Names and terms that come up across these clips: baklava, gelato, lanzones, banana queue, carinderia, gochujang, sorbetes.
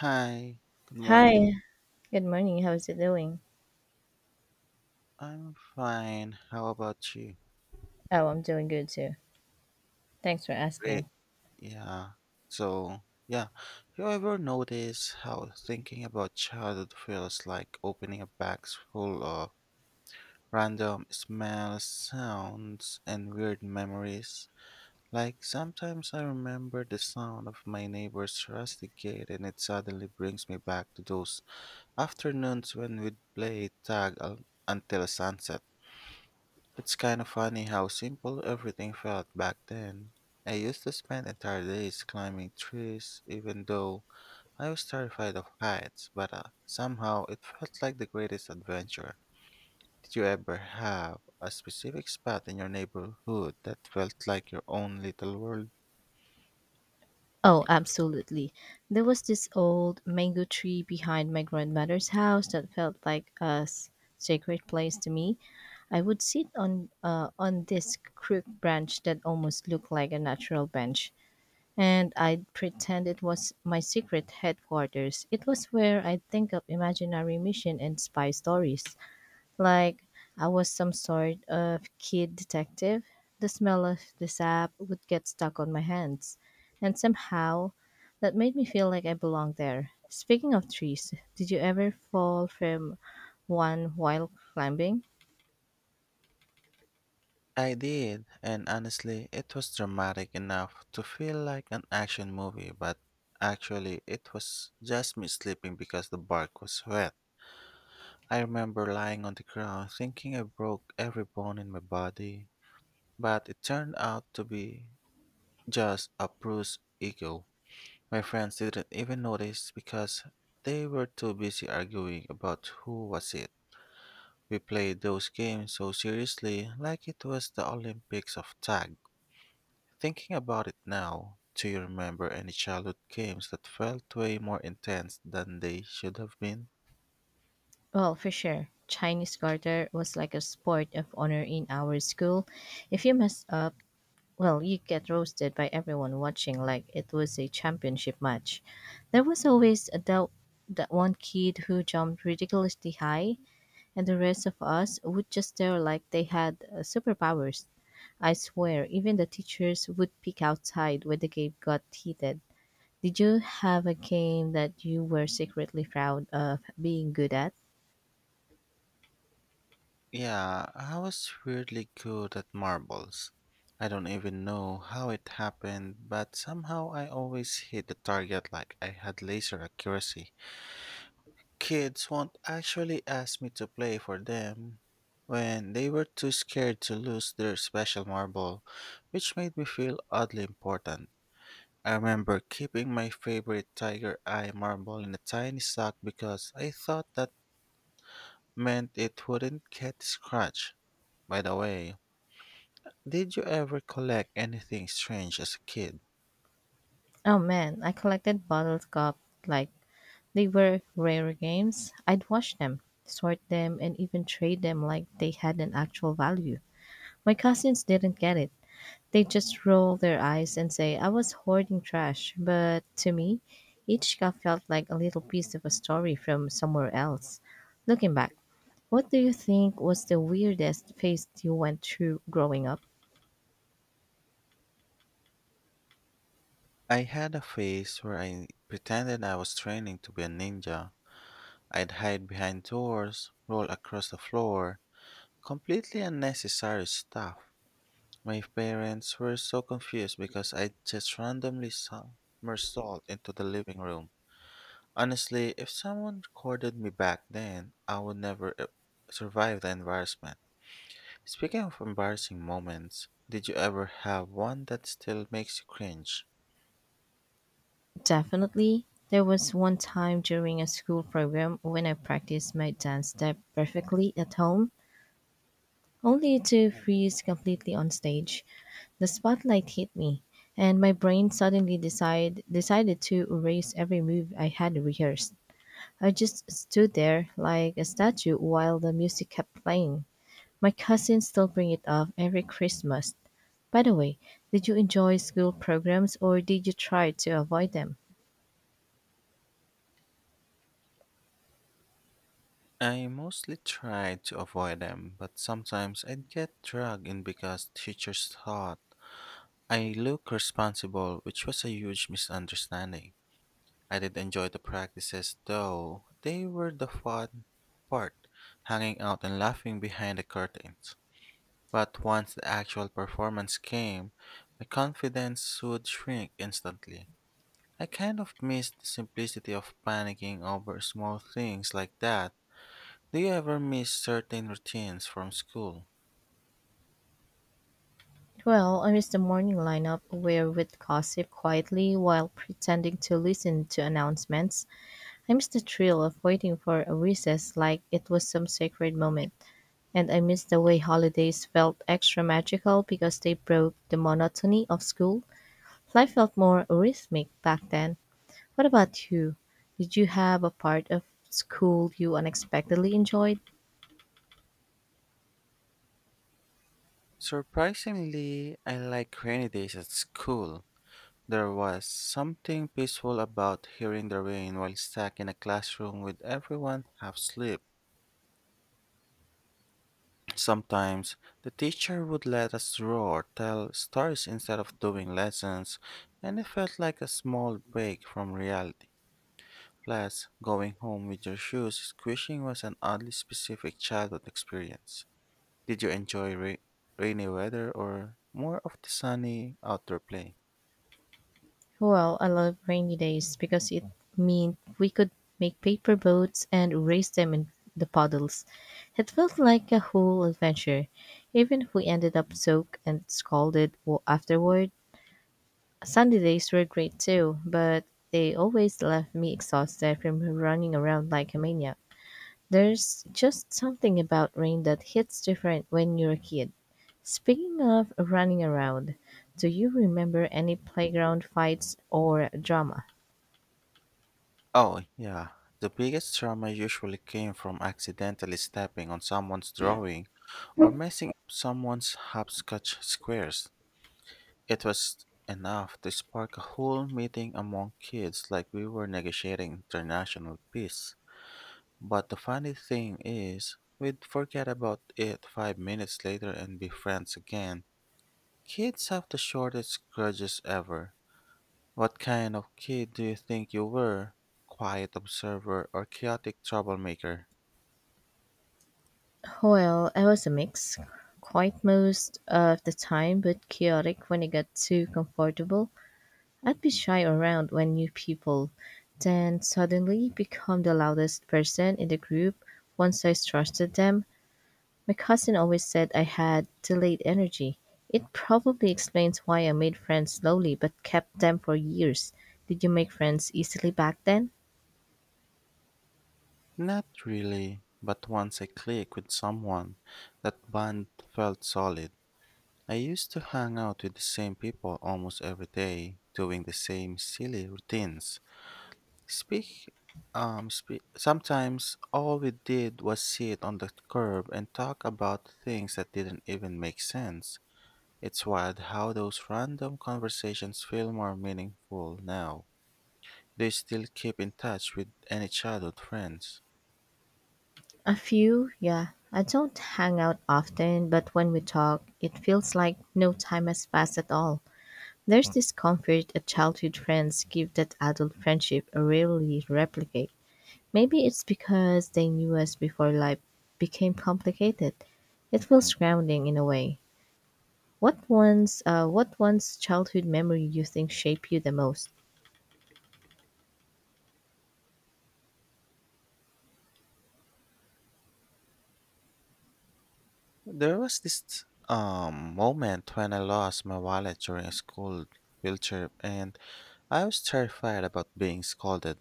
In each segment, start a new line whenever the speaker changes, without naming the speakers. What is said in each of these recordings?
Hi, good
Hi,
morning.
good morning. How's it doing?
I'm fine. How about you?
Oh, I'm doing good too. Thanks for
Great.
asking.
Yeah. So, yeah. You ever notice how thinking about childhood feels like opening a box full of random smells, sounds, and weird memories? Like sometimes I remember the sound of my neighbor's rusty gate and it suddenly brings me back to those afternoons when we'd play until sunset. It's kind of funny how simple everything felt back then. I used to spend entire days climbing trees, even though I was terrified of heights, but somehow it felt like the greatest adventure. Did you ever have a specific spot in your neighborhood that felt like your own little world?
Oh, absolutely. There was this old mango tree behind my grandmother's house that felt like a sacred place to me. I would sit on this crook branch that almost looked like a natural bench, and I'd pretend it was my secret headquarters. It was where I'd think of imaginary mission and spy stories. Like I was some sort of kid detective. The smell of the sap would get stuck on my hands, and somehow that made me feel like I belonged there. Speaking of trees, did you ever fall from one while climbing?
I did, and honestly, it was dramatic enough to feel like an action movie, but actually, it was just me sleeping because the bark was wet. I remember lying on the ground thinking I broke every bone in my body, but it turned out to be just a bruised ego. My friends didn't even notice because they were too busy arguing about who was it. We played those games so seriously, like it was the Olympics of tag. Thinking about it now, do you remember any childhood games that felt way more intense than they should have been?
Well, for sure. Chinese garter was like a sport of honor in our school. If you messed up, well, you get roasted by everyone watching like it was a championship match. There was always a doubt that one kid who jumped ridiculously high, and the rest of us would just stare like they had superpowers. I swear, even the teachers would peek outside when the game got heated. Did you have a game that you were secretly proud of being good at?
Yeah, I was weirdly good at marbles. I don't even know how it happened, but somehow I always hit the target like I had laser accuracy. Kids won't actually ask me to play for them when they were too scared to lose their special marble, which made me feel oddly important. I remember keeping my favorite tiger eye marble in a tiny sock because I thought that meant it wouldn't get scratched. By the way, did you ever collect anything strange as a kid?
Oh man, I collected bottle cup like they were rare games. I'd watch them, sort them, and even trade them like they had an actual value. My cousins didn't get it. They just roll their eyes and say I was hoarding trash, but to me, each cup felt like a little piece of a story from somewhere else. Looking back, what do you think was the weirdest phase you went through growing up?
I had a phase where I pretended I was training to be a ninja. I'd hide behind doors, roll across the floor, completely unnecessary stuff. My parents were so confused because I just randomly somersault into the living room. Honestly, if someone recorded me back then, I would never survive the embarrassment. Speaking of embarrassing moments, did you ever have one that still makes you cringe?
Definitely. There was one time during a school program when I practiced my dance step perfectly at home, only to freeze completely on stage. The spotlight hit me, and my brain suddenly decided to erase every move I had rehearsed. I just stood there like a statue while the music kept playing. My cousins still bring it up every Christmas. By the way, did you enjoy school programs or did you try to avoid them?
I mostly tried to avoid them, but sometimes I'd get dragged in because teachers thought I look responsible, which was a huge misunderstanding. I did enjoy the practices though, they were the fun part, hanging out and laughing behind the curtains. But once the actual performance came, my confidence would shrink instantly. I kind of miss the simplicity of panicking over small things like that. Do you ever miss certain routines from school?
Well, I missed the morning lineup where we'd gossip quietly while pretending to listen to announcements. I miss the thrill of waiting for a recess like it was some sacred moment, and I miss the way holidays felt extra magical because they broke the monotony of school. Life felt more rhythmic back then. What about you? Did you have a part of school you unexpectedly enjoyed?
Surprisingly, I like rainy days at school. There was something peaceful about hearing the rain while stuck in a classroom with everyone half asleep. Sometimes the teacher would let us draw or tell stories instead of doing lessons, and it felt like a small break from reality. Plus, going home with your shoes squishing was an oddly specific childhood experience. Did you enjoy rainy weather or more of the sunny outdoor play?
Well, I love rainy days because it meant we could make paper boats and race them in the puddles. It felt like a whole adventure, even if we ended up soaked and afterward. Sunday days were great too, but they always left me exhausted from running around like a maniac. There's just something about rain that hits different when you're a kid. Speaking of running around, do you remember any playground fights or drama?
Oh, yeah. The biggest trauma usually came from accidentally stepping on someone's drawing or messing up someone's hopscotch squares. It was enough to spark a whole meeting among kids like we were negotiating international peace. But the funny thing is, we'd forget about it 5 minutes later and be friends again. Kids have the shortest grudges ever. What kind of kid do you think you were? Quiet observer or chaotic troublemaker?
Well, I was a mix. Quite most of the time, but chaotic when it got too comfortable. I'd be shy around when new people, then suddenly become the loudest person in the group once I trusted them. My cousin always said I had delayed energy. It probably explains why I made friends slowly but kept them for years. Did you make friends easily back then?
Not really, but once I clicked with someone, that bond felt solid. I used to hang out with the same people almost every day, doing the same silly routines. Speak, speak. Sometimes all we did was sit on the curb and talk about things that didn't even make sense. It's wild how those random conversations feel more meaningful now. Do you still keep in touch with any childhood friends?
A few, yeah. I don't hang out often, but when we talk, it feels like no time has passed at all. There's this comfort that childhood friends give that adult friendship rarely replicate. Maybe it's because they knew us before life became complicated. It feels grounding in a way. What one's childhood memory you think shaped you the most?
There was this moment when I lost my wallet during a school field trip, and I was terrified about being scolded.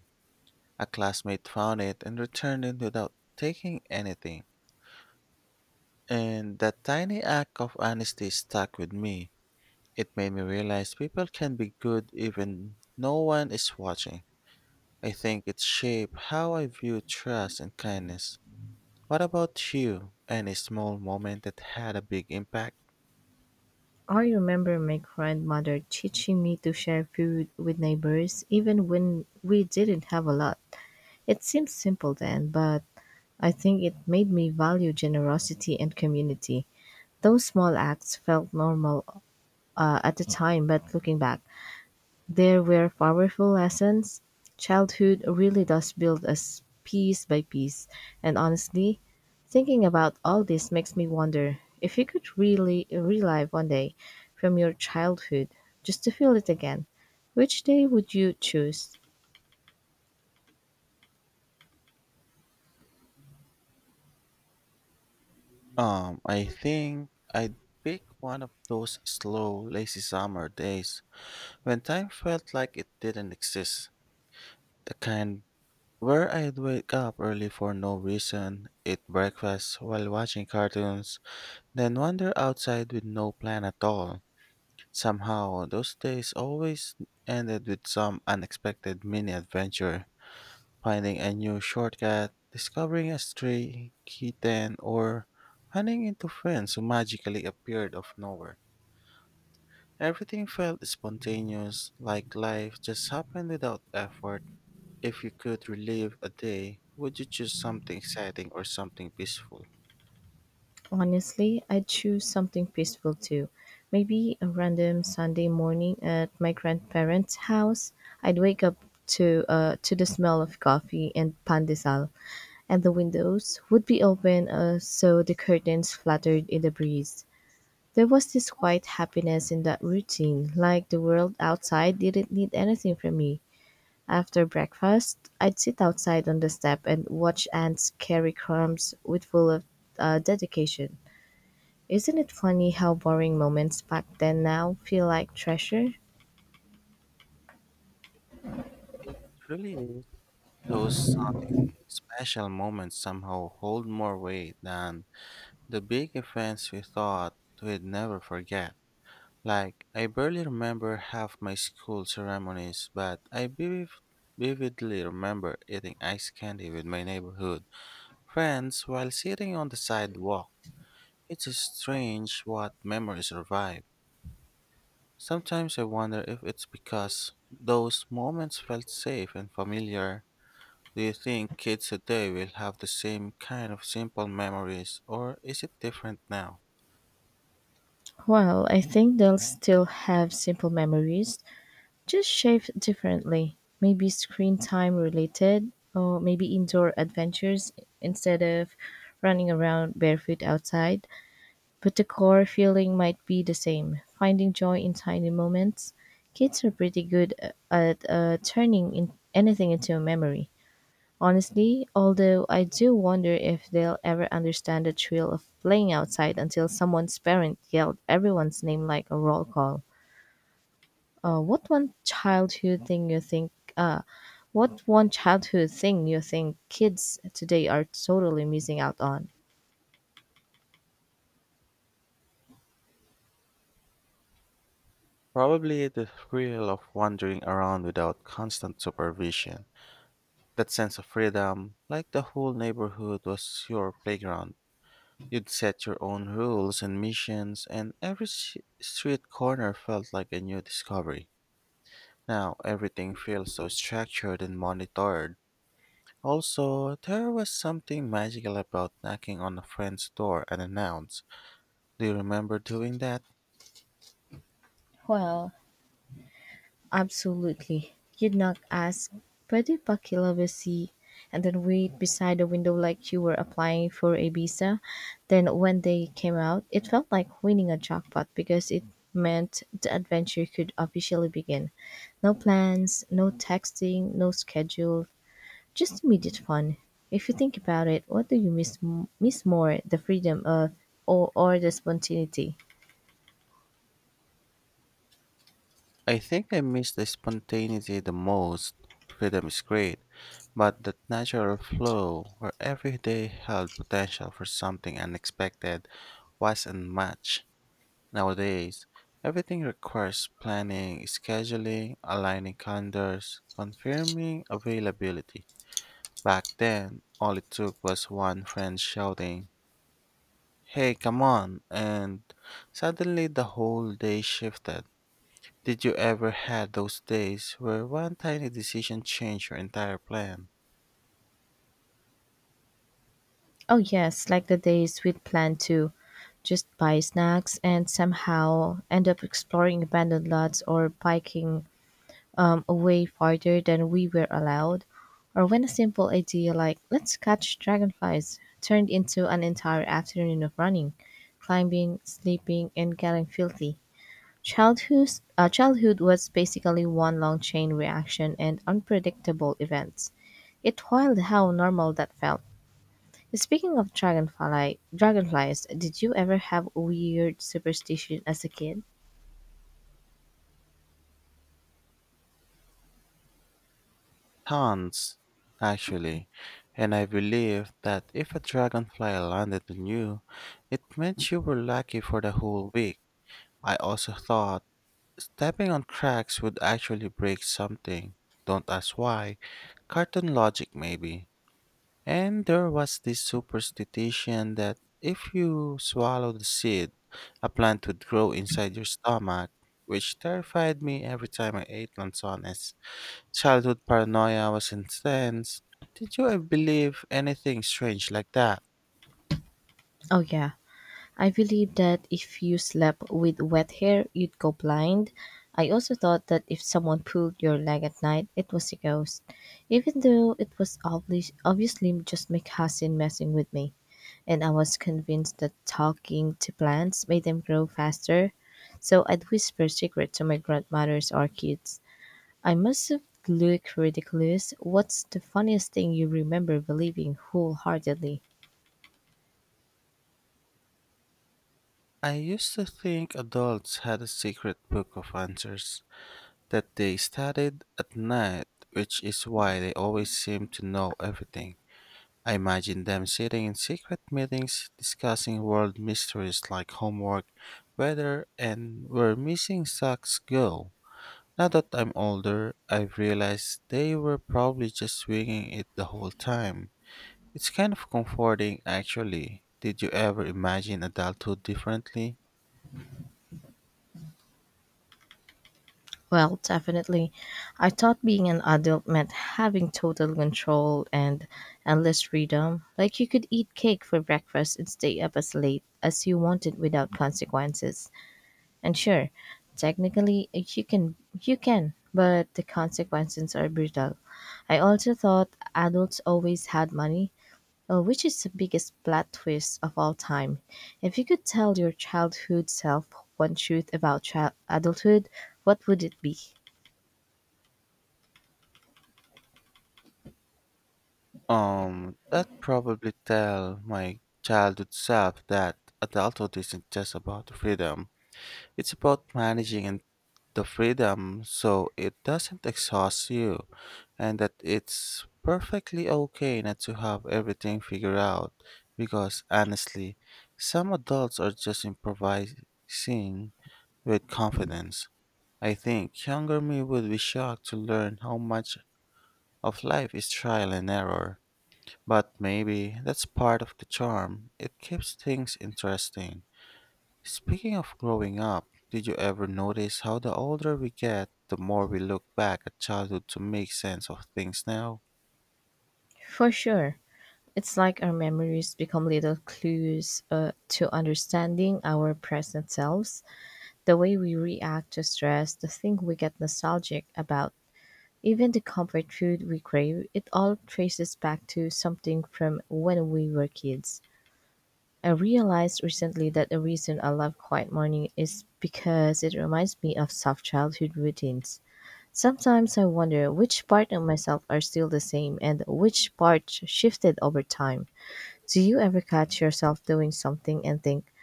A classmate found it and returned it without taking anything. And that tiny act of honesty stuck with me. It made me realize people can be good even no one is watching. I think it shaped how I view trust and kindness. What about you? Any small moment that had a big impact?
I remember my grandmother teaching me to share food with neighbors even when we didn't have a lot. It seems simple then, but I think it made me value generosity and community. Those small acts felt normal at the time, but looking back, there were powerful lessons. Childhood really does build us piece by piece, and honestly, thinking about all this makes me wonder if you could really relive one day from your childhood just to feel it again, which day would you choose?
I think I'd pick one of those slow, lazy summer days when time felt like it didn't exist. The kind where I'd wake up early for no reason, eat breakfast while watching cartoons, then wander outside with no plan at all. Somehow, those days always ended with some unexpected mini adventure. Finding a new shortcut, discovering a stray kitten, or running into friends who magically appeared of nowhere. Everything felt spontaneous, like life just happened without effort. If you could relive a day, would you choose something exciting or something peaceful?
Honestly, I'd choose something peaceful too. Maybe a random Sunday morning at my grandparents' house. I'd wake up to the smell of coffee and pandesal, and the windows would be open, so the curtains fluttered in the breeze. There was this quiet happiness in that routine, like the world outside didn't need anything from me. After breakfast, I'd sit outside on the step and watch ants carry crumbs with full of dedication. Isn't it funny how boring moments back then now feel like treasure?
It really is. Those special moments somehow hold more weight than the big events we thought we'd never forget. Like, I barely remember half my school ceremonies, but I vividly remember eating ice candy with my neighborhood friends while sitting on the sidewalk. It's strange what memories revive. Sometimes I wonder if it's because those moments felt safe and familiar. Do you think kids today will have the same kind of simple memories, or is it different now?
Well, I think they'll still have simple memories, just shaped differently. Maybe screen time related, or maybe indoor adventures instead of running around barefoot outside. But the core feeling might be the same, finding joy in tiny moments. Kids are pretty good at turning in anything into a memory. Honestly, although I do wonder if they'll ever understand the thrill of playing outside until someone's parent yelled everyone's name like a roll call. What one childhood thing you think? What one childhood thing you think kids today are totally missing out on?
Probably the thrill of wandering around without constant supervision. That sense of freedom, like the whole neighborhood was your playground. You'd set your own rules and missions, and every street corner felt like a new discovery. Now everything feels so structured and monitored. Also, there was something magical about knocking on a friend's door unannounced. Do you remember doing that?
Well, absolutely. You'd knock ask, pwede pa kilawasi, and then wait beside the window like you were applying for a visa. Then when they came out, it felt like winning a jackpot because it meant the adventure could officially begin. No plans, no texting, no schedule, just immediate fun. If you think about it, what do you miss more, the freedom of or the spontaneity?
I think I miss the spontaneity the most. Freedom is great, but that natural flow where every day held potential for something unexpected was unmatched. Nowadays, everything requires planning, scheduling, aligning calendars, confirming availability. Back then, all it took was one friend shouting, "Hey, come on!" And suddenly the whole day shifted. Did you ever had those days where one tiny decision changed your entire plan?
Oh, yes, like the days we'd plan to just buy snacks and somehow end up exploring abandoned lots or biking away farther than we were allowed. Or when a simple idea like, let's catch dragonflies, turned into an entire afternoon of running, climbing, sleeping, and getting filthy. Childhood, childhood was basically one long chain reaction and unpredictable events. It wild how normal that felt. Speaking of dragonfly dragonflies, did you ever have a weird superstition as a kid?
Tons, actually. And I believe that if a dragonfly landed on you, it meant you were lucky for the whole week. I also thought stepping on cracks would actually break something. Don't ask why. Cartoon logic, maybe. And there was this superstition that if you swallow the seed, a plant would grow inside your stomach, which terrified me every time I ate lanzones. Childhood paranoia was intense. Did you ever believe anything strange like that?
Oh yeah. I believed that if you slept with wet hair, you'd go blind. I also thought that if someone pulled your leg at night, it was a ghost, even though it was obviously just my cousin messing with me. And I was convinced that talking to plants made them grow faster, so I'd whisper secrets to my grandmothers or kids. I must look ridiculous. What's the funniest thing you remember believing wholeheartedly?
I used to think adults had a secret book of answers that they studied at night, which is why they always seem to know everything. I imagine them sitting in secret meetings discussing world mysteries like homework, weather, and where missing socks go. Now that I'm older, I've realized they were probably just swinging it the whole time. It's kind of comforting, actually. Did you ever imagine adulthood differently?
Well, definitely. I thought being an adult meant having total control and endless freedom. Like you could eat cake for breakfast and stay up as late as you wanted without consequences. And sure, technically you can, but the consequences are brutal. I also thought adults always had money, which is the biggest plot twist of all time? If you could tell your childhood self one truth about adulthood, what would it be?
That probably tell my childhood self that adulthood isn't just about freedom. It's about managing and the freedom so it doesn't exhaust you, and that it's perfectly okay not to have everything figured out because honestly, some adults are just improvising with confidence. I think younger me would be shocked to learn how much of life is trial and error, but maybe that's part of the charm. It keeps things interesting. Speaking of growing up, did you ever notice how the older we get, the more we look back at childhood to make sense of things now?
For sure. It's like our memories become little clues to understanding our present selves, the way we react to stress, the thing we get nostalgic about, even the comfort food we crave. It all traces back to something from when we were kids. I realized recently that the reason I love quiet morning is because it reminds me of soft childhood routines. Sometimes I wonder which part of myself are still the same and which part shifted over time. Do you ever catch yourself doing something and think,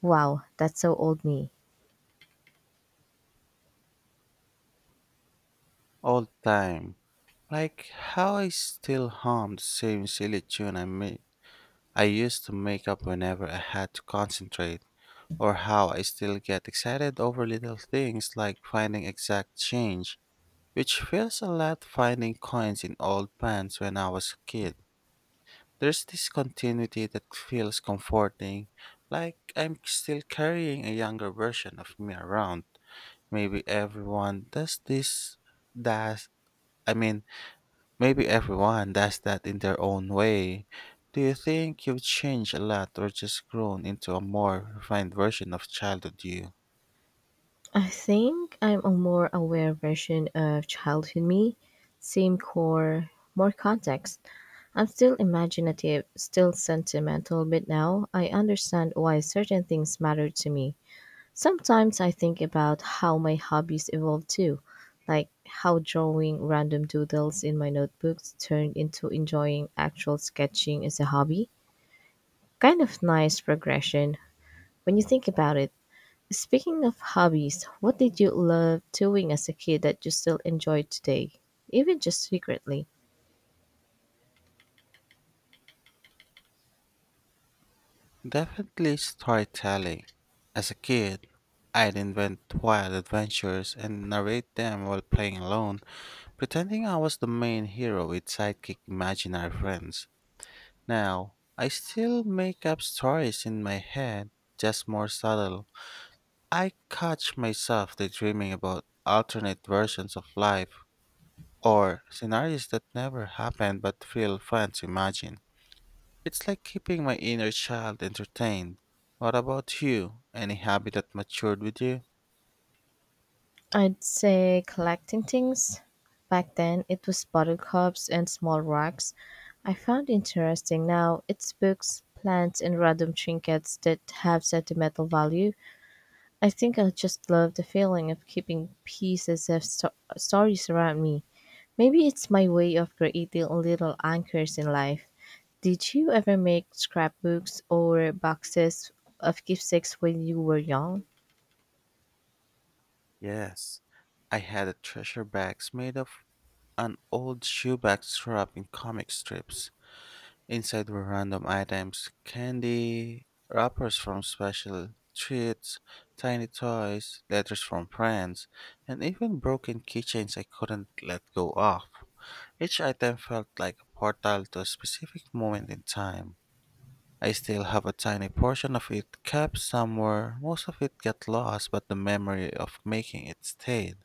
wow, that's so old me?
All the time. Like how I still hum the same silly tune I made. I used to make up whenever I had to concentrate, or how I still get excited over little things like finding exact change, which feels a lot finding coins in old pants when I was a kid. There's this continuity that feels comforting, like I'm still carrying a younger version of me around. Maybe everyone does this, does, I mean, maybe everyone does that in their own way. Do you think you've changed a lot or just grown into a more refined version of childhood you?
I think I'm a more aware version of childhood me, same core, more context. I'm still imaginative, still sentimental, but now I understand why certain things matter to me. Sometimes I think about how my hobbies evolved too, like how drawing random doodles in my notebooks turned into enjoying actual sketching as a hobby. Kind of nice progression when you think about it. Speaking of hobbies, what did you love doing as a kid that you still enjoy today, even just secretly?
Definitely storytelling. As a kid, I'd invent wild adventures and narrate them while playing alone, pretending I was the main hero with sidekick imaginary friends. Now, I still make up stories in my head, just more subtle. I catch myself daydreaming about alternate versions of life or scenarios that never happened but feel fun to imagine. It's like keeping my inner child entertained. What about you? Any hobby that matured with you?
I'd say collecting things. Back then, it was bottle cups and small rocks I found interesting. Now, it's books, plants, and random trinkets that have sentimental value. I think I just love the feeling of keeping pieces of stories around me. Maybe it's my way of creating little anchors in life. Did you ever make scrapbooks or boxes of keepsakes when you were young?
Yes. I had a treasure bags made of an old shoebox wrapped in comic strips. Inside were random items, candy, wrappers from special treats, tiny toys, letters from friends, and even broken keychains I couldn't let go of. Each item felt like a portal to a specific moment in time. I still have a tiny portion of it kept somewhere. Most of it got lost, but the memory of making it stayed.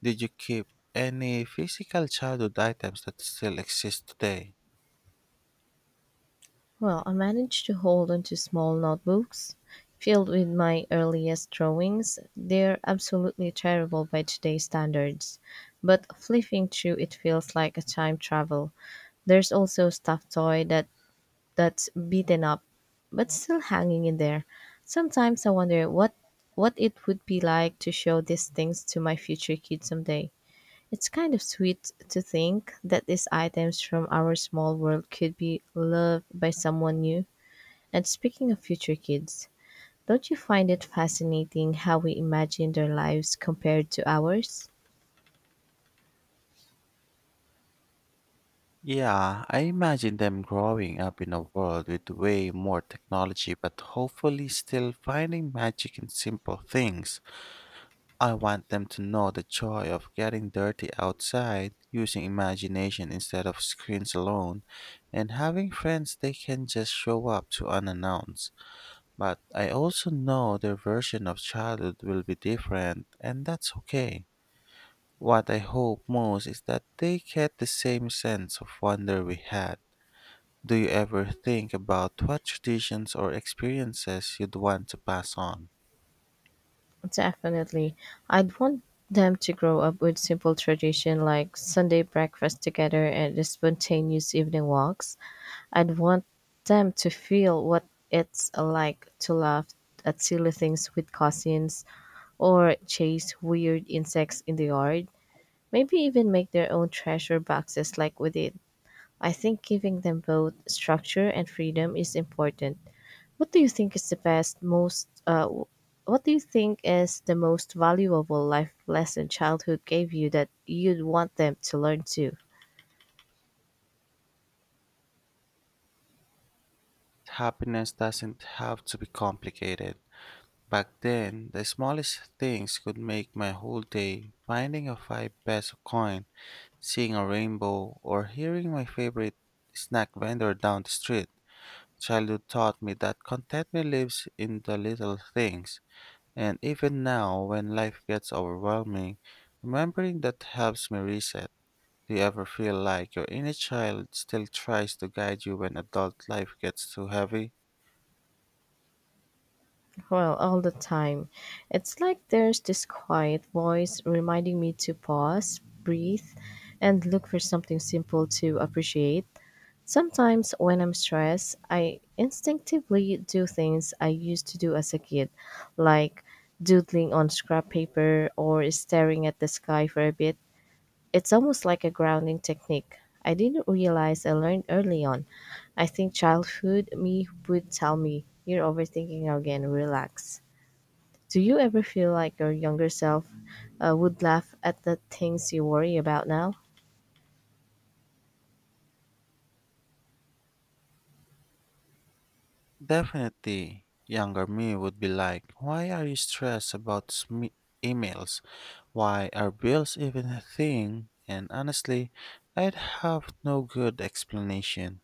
Did you keep any physical childhood items that still exist today?
Well, I managed to hold on to small notebooks filled with my earliest drawings. They're absolutely terrible by today's standards, but flipping through it feels like a time travel. There's also a stuffed toy that's beaten up but still hanging in there. Sometimes I wonder what it would be like to show these things to my future kids someday. It's kind of sweet to think that these items from our small world could be loved by someone new. And speaking of future kids, don't you find it fascinating how we imagine their lives compared to ours?
Yeah, I imagine them growing up in a world with way more technology, but hopefully still finding magic in simple things. I want them to know the joy of getting dirty outside, using imagination instead of screens alone, and having friends they can just show up to unannounced. But I also know their version of childhood will be different, and that's okay. What I hope most is that they get the same sense of wonder we had. Do you ever think about what traditions or experiences you'd want to pass on?
Definitely. I'd want them to grow up with simple tradition like Sunday breakfast together and the spontaneous evening walks. I'd want them to feel what it's like to laugh at silly things with cousins or chase weird insects in the yard. Maybe even make their own treasure boxes like we did. I think giving them both structure and freedom is important. What do you think is the best, most, w- what do you think is the most valuable life lesson childhood gave you that you'd want them to learn too?
Happiness doesn't have to be complicated. Back then, the smallest things could make my whole day. Finding a 5 peso coin, seeing a rainbow, or hearing my favorite snack vendor down the street. Childhood taught me that contentment lives in the little things. And even now, when life gets overwhelming, remembering that helps me reset. Do you ever feel like your inner child still tries to guide you when adult life gets too heavy?
Well, all the time. It's like there's this quiet voice reminding me to pause, breathe, and look for something simple to appreciate. Sometimes, when I'm stressed, I instinctively do things I used to do as a kid, like doodling on scrap paper or staring at the sky for a bit. It's almost like a grounding technique I didn't realize I learned early on. I think childhood me would tell me, you're overthinking again, relax. Do you ever feel like your younger self would laugh at the things you worry about now?
Definitely, younger me would be like, why are you stressed about sme emails? Why are bills even a thing? And honestly, I'd have no good explanation.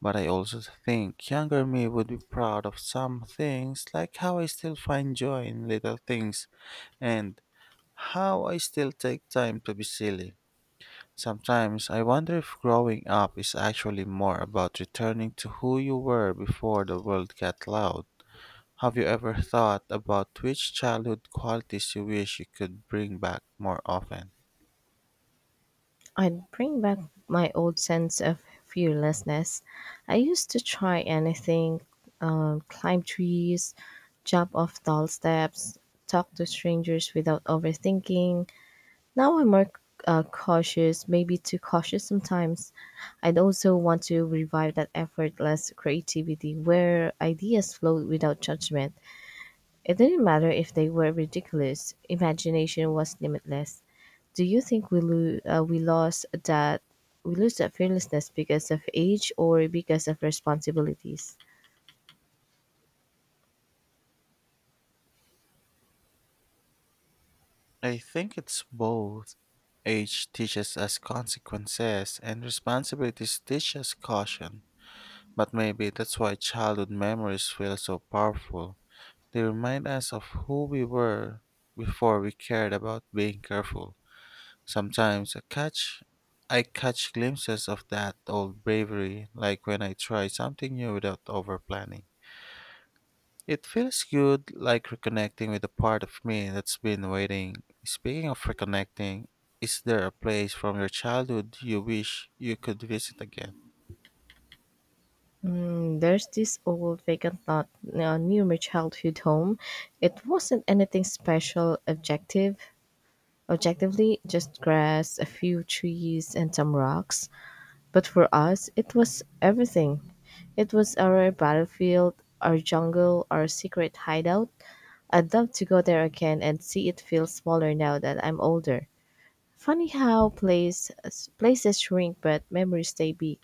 But I also think younger me would be proud of some things, like how I still find joy in little things and how I still take time to be silly. Sometimes I wonder if growing up is actually more about returning to who you were before the world got loud. Have you ever thought about which childhood qualities you wish you could bring back more often?
I'd bring back my old sense of fearlessness. I used to try anything, climb trees, jump off tall steps, talk to strangers without overthinking. Now I'm more cautious, maybe too cautious sometimes. I'd also want to revive that effortless creativity where ideas flowed without judgment. It didn't matter if they were ridiculous, imagination was limitless. Do you think we lose that fearlessness because of age or because of responsibilities?
I think it's both. Age teaches us consequences, and responsibilities teach us caution. But maybe that's why childhood memories feel so powerful. They remind us of who we were before we cared about being careful. Sometimes I catch glimpses of that old bravery, like when I try something new without over planning. It feels good, like reconnecting with a part of me that's been waiting. Speaking of reconnecting, is there a place from your childhood you wish you could visit again?
Mm, there's this old vacant lot near my childhood home. It wasn't anything special objectively, just grass, a few trees and some rocks. But for us it was everything. It was our battlefield, our jungle, our secret hideout. I'd love to go there again and see it feel smaller now that I'm older. Funny how places shrink but memories stay big.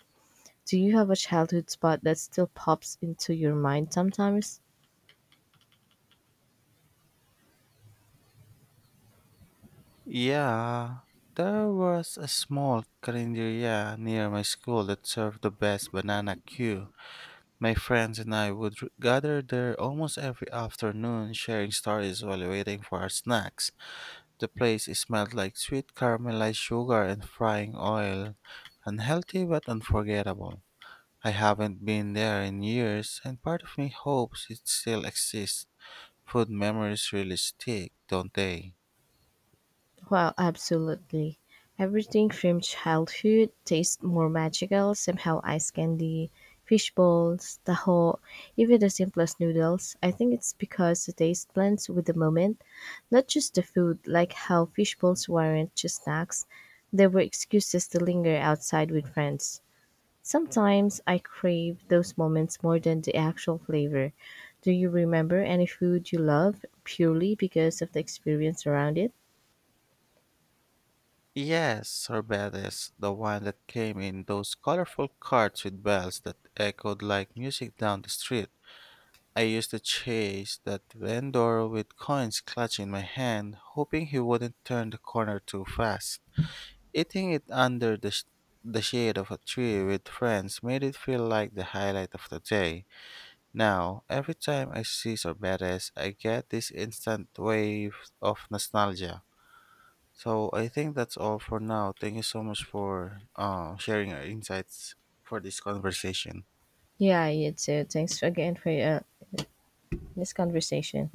Do you have a childhood spot that still pops into your mind sometimes?
Yeah, there was a small carinderia near my school that served the best banana queue. My friends and I would gather there almost every afternoon, sharing stories while waiting for our snacks. The place smelled like sweet caramelized sugar and frying oil, unhealthy but unforgettable. I haven't been there in years, and part of me hopes it still exists. Food memories really stick, don't they?
Well, absolutely. Everything from childhood tastes more magical, somehow ice candy, fish balls, taho, even the simplest noodles. I think it's because the taste blends with the moment, not just the food, like how fish balls weren't just snacks. They were excuses to linger outside with friends. Sometimes I crave those moments more than the actual flavor. Do you remember any food you love purely because of the experience around it?
Yes, sorbetes, the one that came in those colorful carts with bells that echoed like music down the street. I used to chase that vendor with coins clutching my hand, hoping he wouldn't turn the corner too fast. Eating it under the, the shade of a tree with friends made it feel like the highlight of the day. Now, every time I see sorbetes, I get this instant wave of nostalgia. So I think that's all for now. Thank you so much for sharing your insights for this conversation.
Yeah, you too. Thanks again for this conversation.